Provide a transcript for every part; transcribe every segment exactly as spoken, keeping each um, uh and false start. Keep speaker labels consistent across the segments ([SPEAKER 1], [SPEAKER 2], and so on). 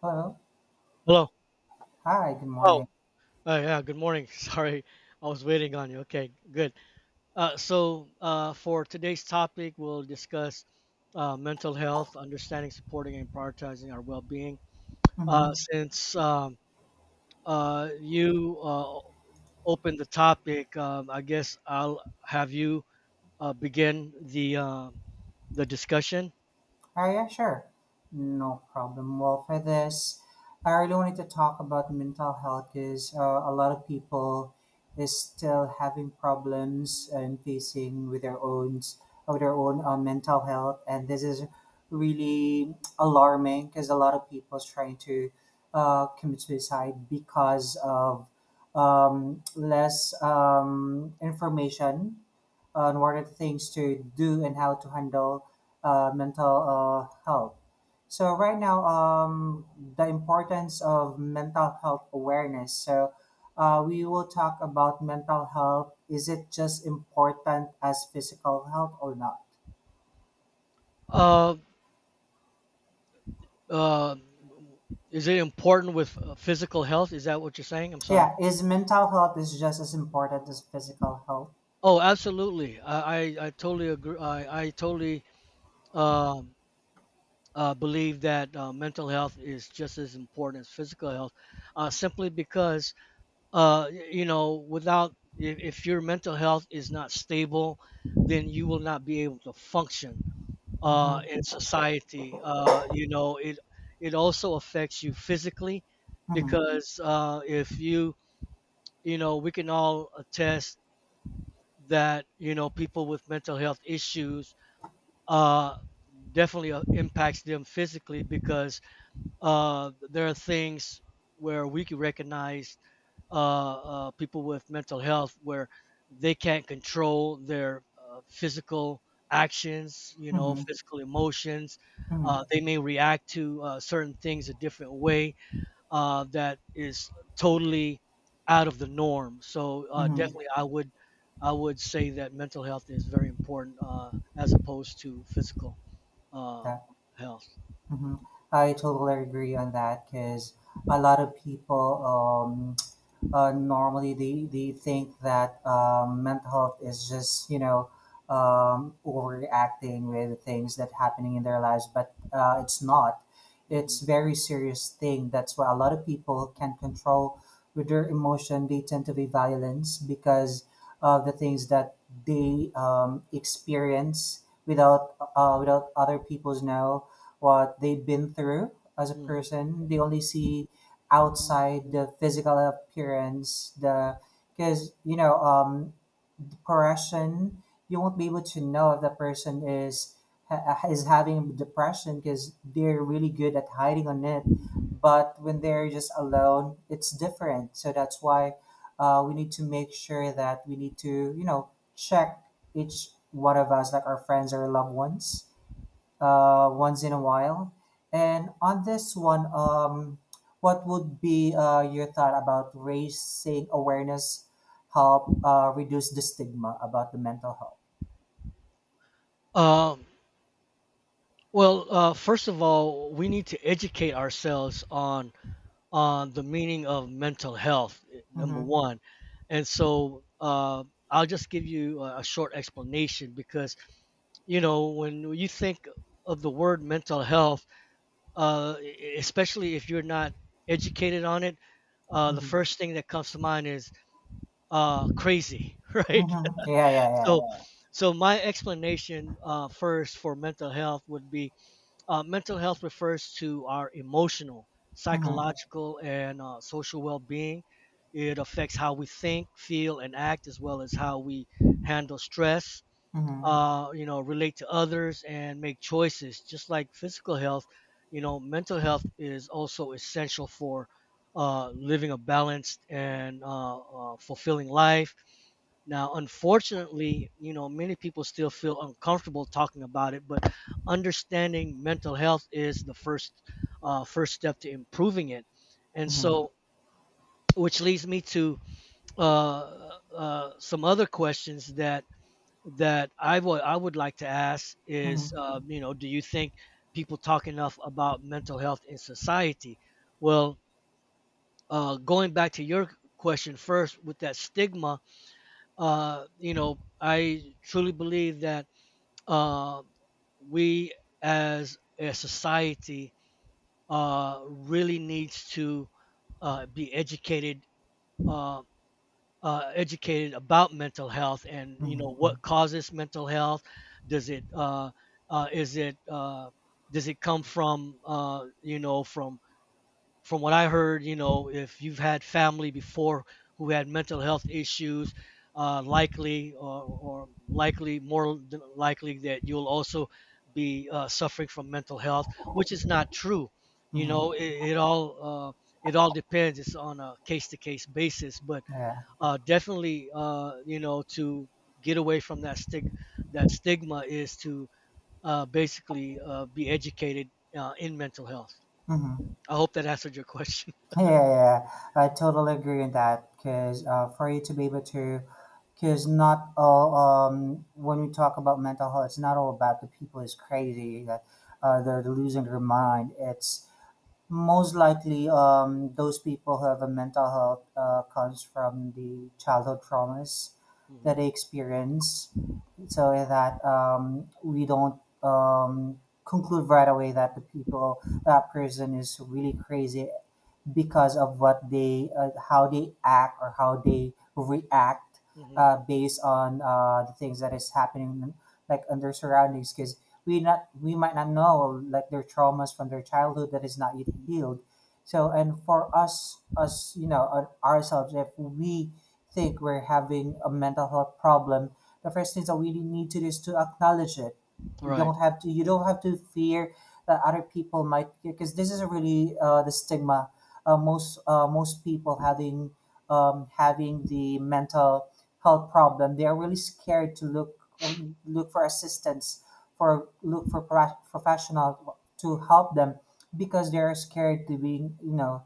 [SPEAKER 1] Hello.
[SPEAKER 2] Hello.
[SPEAKER 1] Hi, good
[SPEAKER 2] Oh,
[SPEAKER 1] morning.
[SPEAKER 2] uh, yeah. Good morning. Sorry, I was waiting on you. Okay, good. Uh, so uh, for today's topic, we'll discuss uh, mental health, understanding, supporting, and prioritizing our well-being. Uh,
[SPEAKER 1] Mm-hmm.
[SPEAKER 2] since um, uh, you uh, opened the topic, um, I guess I'll have you uh, begin the uh, the discussion.
[SPEAKER 1] Hi, yeah, sure. No problem. Well, for this, I really wanted to talk about mental health because uh, a lot of people is still having problems and facing with their own of their own uh, mental health, and this is really alarming because a lot of people is trying to uh, commit suicide because of um, less um, information unwanted things to do and how to handle uh, mental uh, health. So right now, um, the importance of mental health awareness. So uh, we will talk about mental health. Is it just important as physical health or not?
[SPEAKER 2] Uh, uh, is it important with uh, physical health? Is that what you're saying? I'm sorry.
[SPEAKER 1] Yeah, is mental health is just as important as physical health?
[SPEAKER 2] Oh, absolutely. I, I, I totally agree. I, I totally um, uh, believe that uh, mental health is just as important as physical health, uh, simply because, uh, y- you know, without, if, if your mental health is not stable, then you will not be able to function uh,
[SPEAKER 1] Mm-hmm.
[SPEAKER 2] in society. Uh, you know, it, it also affects you physically
[SPEAKER 1] Mm-hmm.
[SPEAKER 2] because uh, if you, you know, we can all attest that, you know, people with mental health issues uh, definitely uh, impacts them physically because uh, there are things where we can recognize uh, uh, people with mental health where they can't control their uh, physical actions, you know,
[SPEAKER 1] Mm-hmm.
[SPEAKER 2] physical emotions.
[SPEAKER 1] Mm-hmm.
[SPEAKER 2] Uh, they may react to uh, certain things a different way uh, that is totally out of the norm. So, uh,
[SPEAKER 1] Mm-hmm.
[SPEAKER 2] definitely, I would I would say that mental health is very important, uh, as opposed to physical uh,
[SPEAKER 1] That.
[SPEAKER 2] health.
[SPEAKER 1] Mm-hmm. I totally agree on that because a lot of people um, uh, normally they, they think that um, mental health is just you know um, overreacting with things that happening in their lives but uh, it's not, it's
[SPEAKER 2] Hmm.
[SPEAKER 1] very serious thing. That's why a lot of people can not control with their emotion, they tend to be violence because of the things that they um, experience without uh, without other people's know what they've been through as a
[SPEAKER 2] Hmm.
[SPEAKER 1] person. They only see outside the physical appearance, the because you know um the depression, you won't be able to know if the person is ha- is having depression because they're really good at hiding on it, but when they're just alone it's different. So that's why uh, we need to make sure that we need to, you know, check each one of us like our friends or loved ones uh, once in a while. And on this one, um, what would be uh, your thought about raising awareness help uh, reduce the stigma about the mental health?
[SPEAKER 2] Um, well, uh, first of all, we need to educate ourselves on on the meaning of mental health. eh, Number
[SPEAKER 1] Mm-hmm,
[SPEAKER 2] one, and so uh, I'll just give you a, a short explanation, because, you know, when you think of the word mental health, uh, e- especially if you're not educated on it, uh, the
[SPEAKER 1] mm-hmm,
[SPEAKER 2] first thing that comes to mind is uh, crazy, right?
[SPEAKER 1] mm-hmm. Yeah, yeah, yeah.
[SPEAKER 2] So, yeah. So my explanation, uh, first for mental health would be, uh, mental health refers to our emotional,
[SPEAKER 1] Mm-hmm,
[SPEAKER 2] psychological, and uh, social well-being. It affects how we think, feel, and act, as well as how we handle stress.
[SPEAKER 1] mm-hmm,
[SPEAKER 2] Uh, you know, relate to others and make choices. Just like physical health, you know, mental health is also essential for uh, living a balanced and uh, uh, fulfilling life. Now, unfortunately, you know, many people still feel uncomfortable talking about it, but understanding mental health is the first, uh, first step to improving it. And
[SPEAKER 1] mm-hmm,
[SPEAKER 2] so, which leads me to uh, uh, some other questions that that I would I would like to ask is,
[SPEAKER 1] mm-hmm,
[SPEAKER 2] uh, you know, do you think people talk enough about mental health in society? Well, uh, going back to your question first with that stigma, uh, you know, I truly believe that, uh, we as a society uh, really needs to uh, be educated, uh, uh, educated about mental health, and, you
[SPEAKER 1] mm-hmm,
[SPEAKER 2] know, what causes mental health. Does it uh, uh, is it uh, does it come from, uh, you know, from from what I heard, you know, if you've had family before who had mental health issues, uh, likely or, or likely more than likely that you'll also be uh, suffering from mental health, which is not true. You know,
[SPEAKER 1] mm-hmm.
[SPEAKER 2] it, it all uh, it all depends. It's on a case to case basis, but
[SPEAKER 1] Yeah.
[SPEAKER 2] uh, definitely, uh, you know, to get away from that stig that stigma is to, uh, basically uh, be educated uh, in mental health.
[SPEAKER 1] Mm-hmm.
[SPEAKER 2] I hope that answered your question.
[SPEAKER 1] Yeah, yeah, yeah. I totally agree with that. Because uh, for you to be able to, because not all, um, when we talk about mental health, it's not all about the people is crazy, that uh, they're losing their mind. It's most likely, um, those people who have a mental health uh, comes from the childhood traumas
[SPEAKER 2] Mhm.
[SPEAKER 1] that they experience, so that um, we don't um, conclude right away that the people that person is really crazy because of what they, uh, how they act or how they react
[SPEAKER 2] Mhm.
[SPEAKER 1] uh, based on uh, the things that is happening like on their surroundings, because we not, we might not know like their traumas from their childhood that is not yet healed. So, and for us us you know, on ourselves, if we think we're having a mental health problem, the first things that we need to do is to acknowledge it. you
[SPEAKER 2] Right.
[SPEAKER 1] don't have to you don't have to fear that other people might, because this is really uh, the stigma. Uh, most uh, most people having, um, having the mental health problem, they are really scared to look, um, look for assistance, for look for pro- professional to help them, because they are scared to being, you know,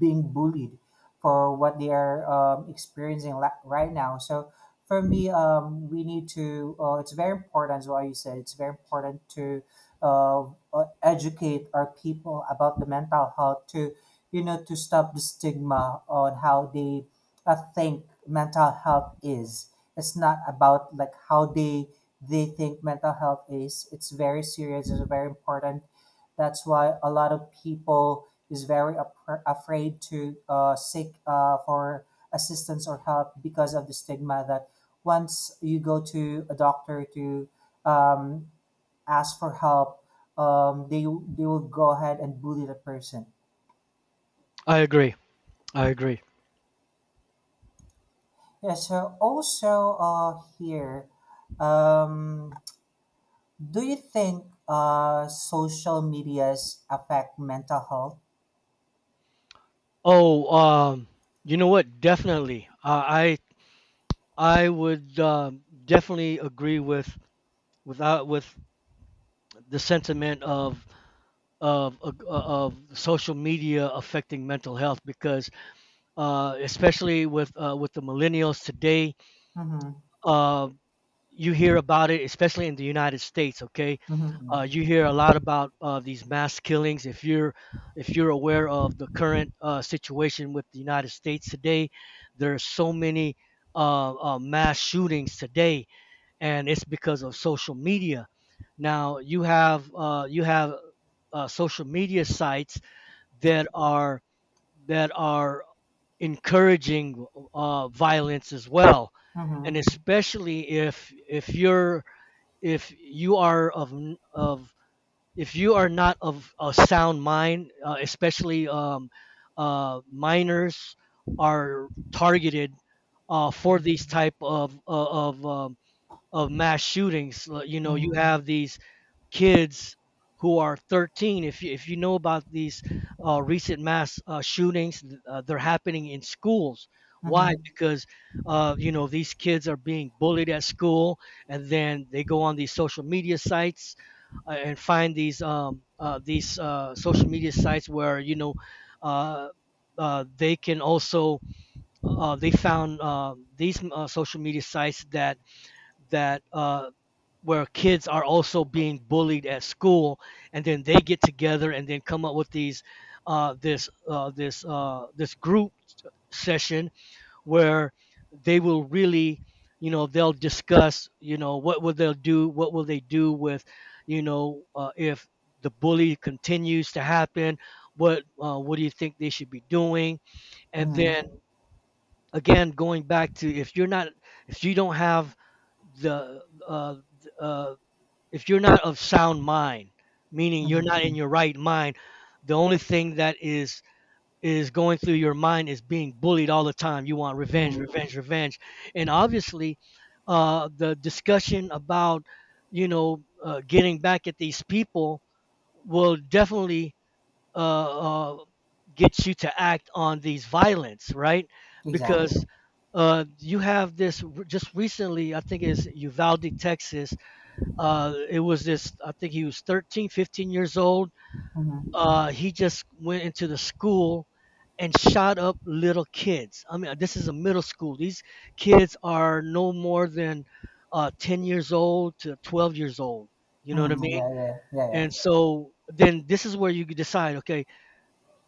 [SPEAKER 1] being bullied for what they are, um, experiencing la- right now. So for me, um, we need to. Uh, it's very important, as what you said. It's very important to uh, uh, educate our people about the mental health to, you know, to stop the stigma on how they uh, think mental health is. It's not about like how they they think mental health is. It's very serious. It's very important. That's why a lot of people is very ap- afraid to uh, seek uh, for assistance or help, because of the stigma that once you go to a doctor to, um, ask for help, um, they they will go ahead and bully the person.
[SPEAKER 2] I agree. I agree.
[SPEAKER 1] Yeah, so also uh, here, um, do you think uh, social medias affect mental health?
[SPEAKER 2] Oh, um, you know what? Definitely. Uh, I I would, um, definitely agree with without with the sentiment of of of of social media affecting mental health, because uh, especially with uh, with the millennials today.
[SPEAKER 1] Mm-hmm,
[SPEAKER 2] um, you hear about it, especially in the United States. Okay,
[SPEAKER 1] mm-hmm,
[SPEAKER 2] uh, you hear a lot about uh, these mass killings. If you're if you're aware of the current uh, situation with the United States today, there are so many uh, uh, mass shootings today, and it's because of social media. Now you have uh, you have uh, social media sites that are that are encouraging uh, violence as well, and
[SPEAKER 1] mm-hmm,
[SPEAKER 2] especially if if you're if you are of of if you are not of a sound mind, uh, especially um, uh, minors are targeted uh, for
[SPEAKER 1] mm-hmm,
[SPEAKER 2] these type of of of, um, of mass shootings. Uh, You know, you have these kids who are thirteen, if you, if you know about these uh, recent mass uh, shootings, uh, they're happening in schools. Why?
[SPEAKER 1] mm-hmm,
[SPEAKER 2] Because, uh, you know, these kids are being bullied at school, and then they go on these social media sites, uh, and find these um, uh, these uh, social media sites where, you know, uh, uh, they can also, uh, they found, uh, these, uh, social media sites that that uh, where kids are also being bullied at school, and then they get together and then come up with these uh, this uh, this uh, this group session where they will really, you know, they'll discuss, you know, what will they do what will they do with, you know, uh, if the bully continues to happen, what uh, what do you think they should be doing? And
[SPEAKER 1] mm-hmm,
[SPEAKER 2] then, again, going back to, if you're not if you don't have the uh, uh, if you're not of sound mind, meaning you're
[SPEAKER 1] mm-hmm,
[SPEAKER 2] not in your right mind. The only thing that is is going through your mind is being bullied all the time. You want revenge,
[SPEAKER 1] mm-hmm.
[SPEAKER 2] revenge, revenge, and, obviously, uh, the discussion about, you know, uh, getting back at these people will definitely, uh, uh, gets you to act on these violence, right?
[SPEAKER 1] Exactly.
[SPEAKER 2] Because, uh, you have this just recently, I think it's Uvalde, Texas. Uh, it was this, I think he was thirteen, fifteen years old.
[SPEAKER 1] Mm-hmm,
[SPEAKER 2] Uh, he just went into the school and shot up little kids. I mean, this is a middle school. These kids are no more than uh, ten years old to twelve years old. You know what I
[SPEAKER 1] mm-hmm.
[SPEAKER 2] mean?
[SPEAKER 1] Yeah, yeah, yeah, yeah.
[SPEAKER 2] And so then this is where you decide, okay,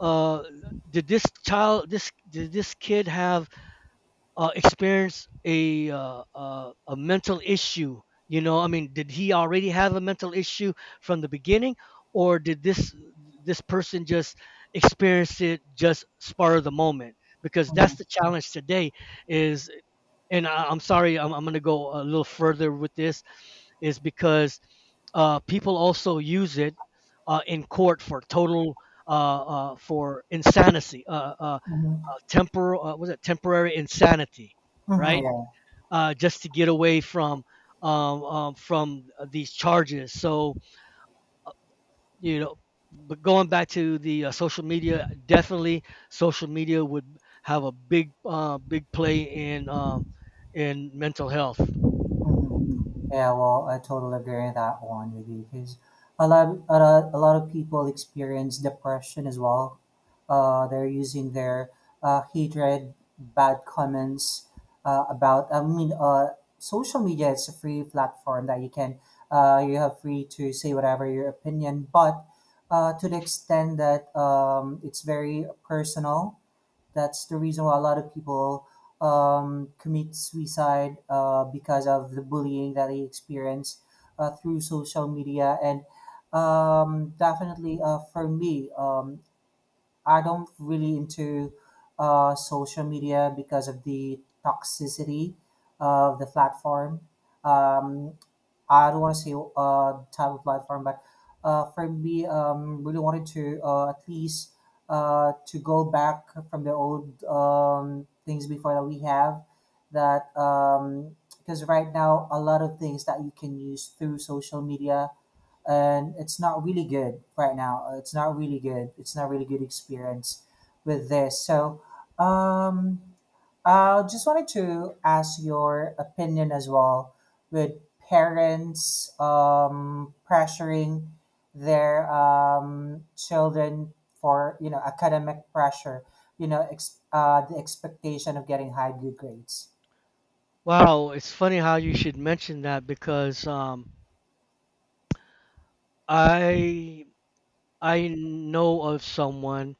[SPEAKER 2] uh, did this child this did this kid have, uh, experienced a uh, uh, a mental issue? You know, i mean, did he already have a mental issue from the beginning? Or did this this person just experience it, just spur of the moment, because
[SPEAKER 1] Mm-hmm,
[SPEAKER 2] that's the challenge today is and I, i'm sorry i'm, I'm going to go a little further with this, is because, uh, people also use it, uh, in court for total, uh, uh, for insanity, uh, uh, uh,
[SPEAKER 1] mm-hmm,
[SPEAKER 2] temporal, uh, was it temporary insanity,
[SPEAKER 1] mm-hmm,
[SPEAKER 2] right?
[SPEAKER 1] yeah.
[SPEAKER 2] Uh, just to get away from, um, um, from these charges. So, you know, but going back to the, uh, social media, definitely social media would have a big uh, big play in um, in mental health.
[SPEAKER 1] Mm-hmm. Yeah, well, I totally agree on that one with you, because a lot, a lot, a lot of people experience depression as well. Uh, they're using their uh, hatred, bad comments uh, about. I mean, uh, social media is a free platform that you can, uh, you have free to say whatever your opinion, but uh, to the extent that, um, it's very personal. That's the reason why a lot of people um, commit suicide uh, because of the bullying that they experience uh, through social media. And, um, definitely uh, for me, um, I don't really into uh, social media because of the toxicity of the platform. Um, I don't want to say uh type of platform, but uh, for me, um, really wanted to uh, at least uh, to go back from the old, um, things before that we have, that because right now a lot of things that you can use through social media and it's not really good right now. It's not really good. It's not really good experience with this. So. Um, uh, just wanted to ask your opinion as well with parents, um, pressuring their, um, children for, you know, academic pressure, you know, ex- uh, the expectation of getting high good grades.
[SPEAKER 2] Wow, it's funny how you should mention that, because, um, I I know of someone,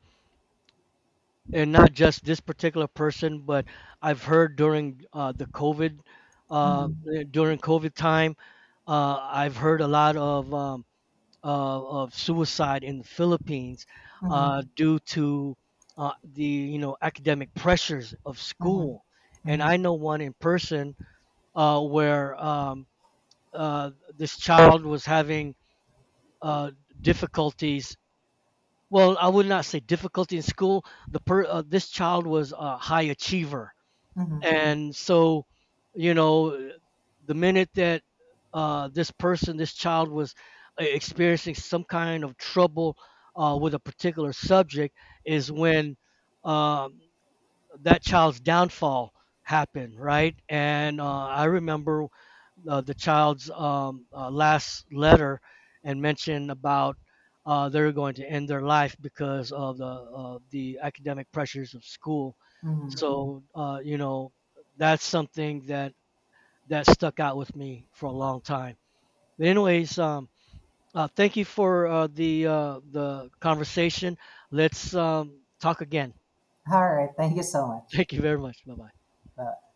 [SPEAKER 2] and not just this particular person, but I've heard during, uh, the COVID, uh, uh,
[SPEAKER 1] Mm-hmm,
[SPEAKER 2] during COVID time. uh, I've heard a lot of um, uh, of suicide in the Philippines, uh,
[SPEAKER 1] mm-hmm,
[SPEAKER 2] due to uh, the, you know, academic pressures of
[SPEAKER 1] mm-hmm,
[SPEAKER 2] school, and
[SPEAKER 1] mm-hmm,
[SPEAKER 2] I know one in person, uh, where, um, uh, this child was having, uh, difficulties. Well, I would not say difficulty in school. The per, uh, this child was a high achiever,
[SPEAKER 1] mm-hmm.
[SPEAKER 2] and so, you know, the minute that, uh, this person, this child was, uh, experiencing some kind of trouble, uh, with a particular subject, is when, um that child's downfall happened, right? And, uh, I remember, uh, the child's, um, uh, last letter, and mentioned about, uh, they're going to end their life because of the of the academic pressures of school.
[SPEAKER 1] Mm-hmm.
[SPEAKER 2] So, uh, you know, that's something that that stuck out with me for a long time. But anyways, um, uh, thank you for uh, the uh, the conversation. Let's, um, talk again.
[SPEAKER 1] All right, thank you so much.
[SPEAKER 2] Thank you very much. Bye bye.
[SPEAKER 1] Bye.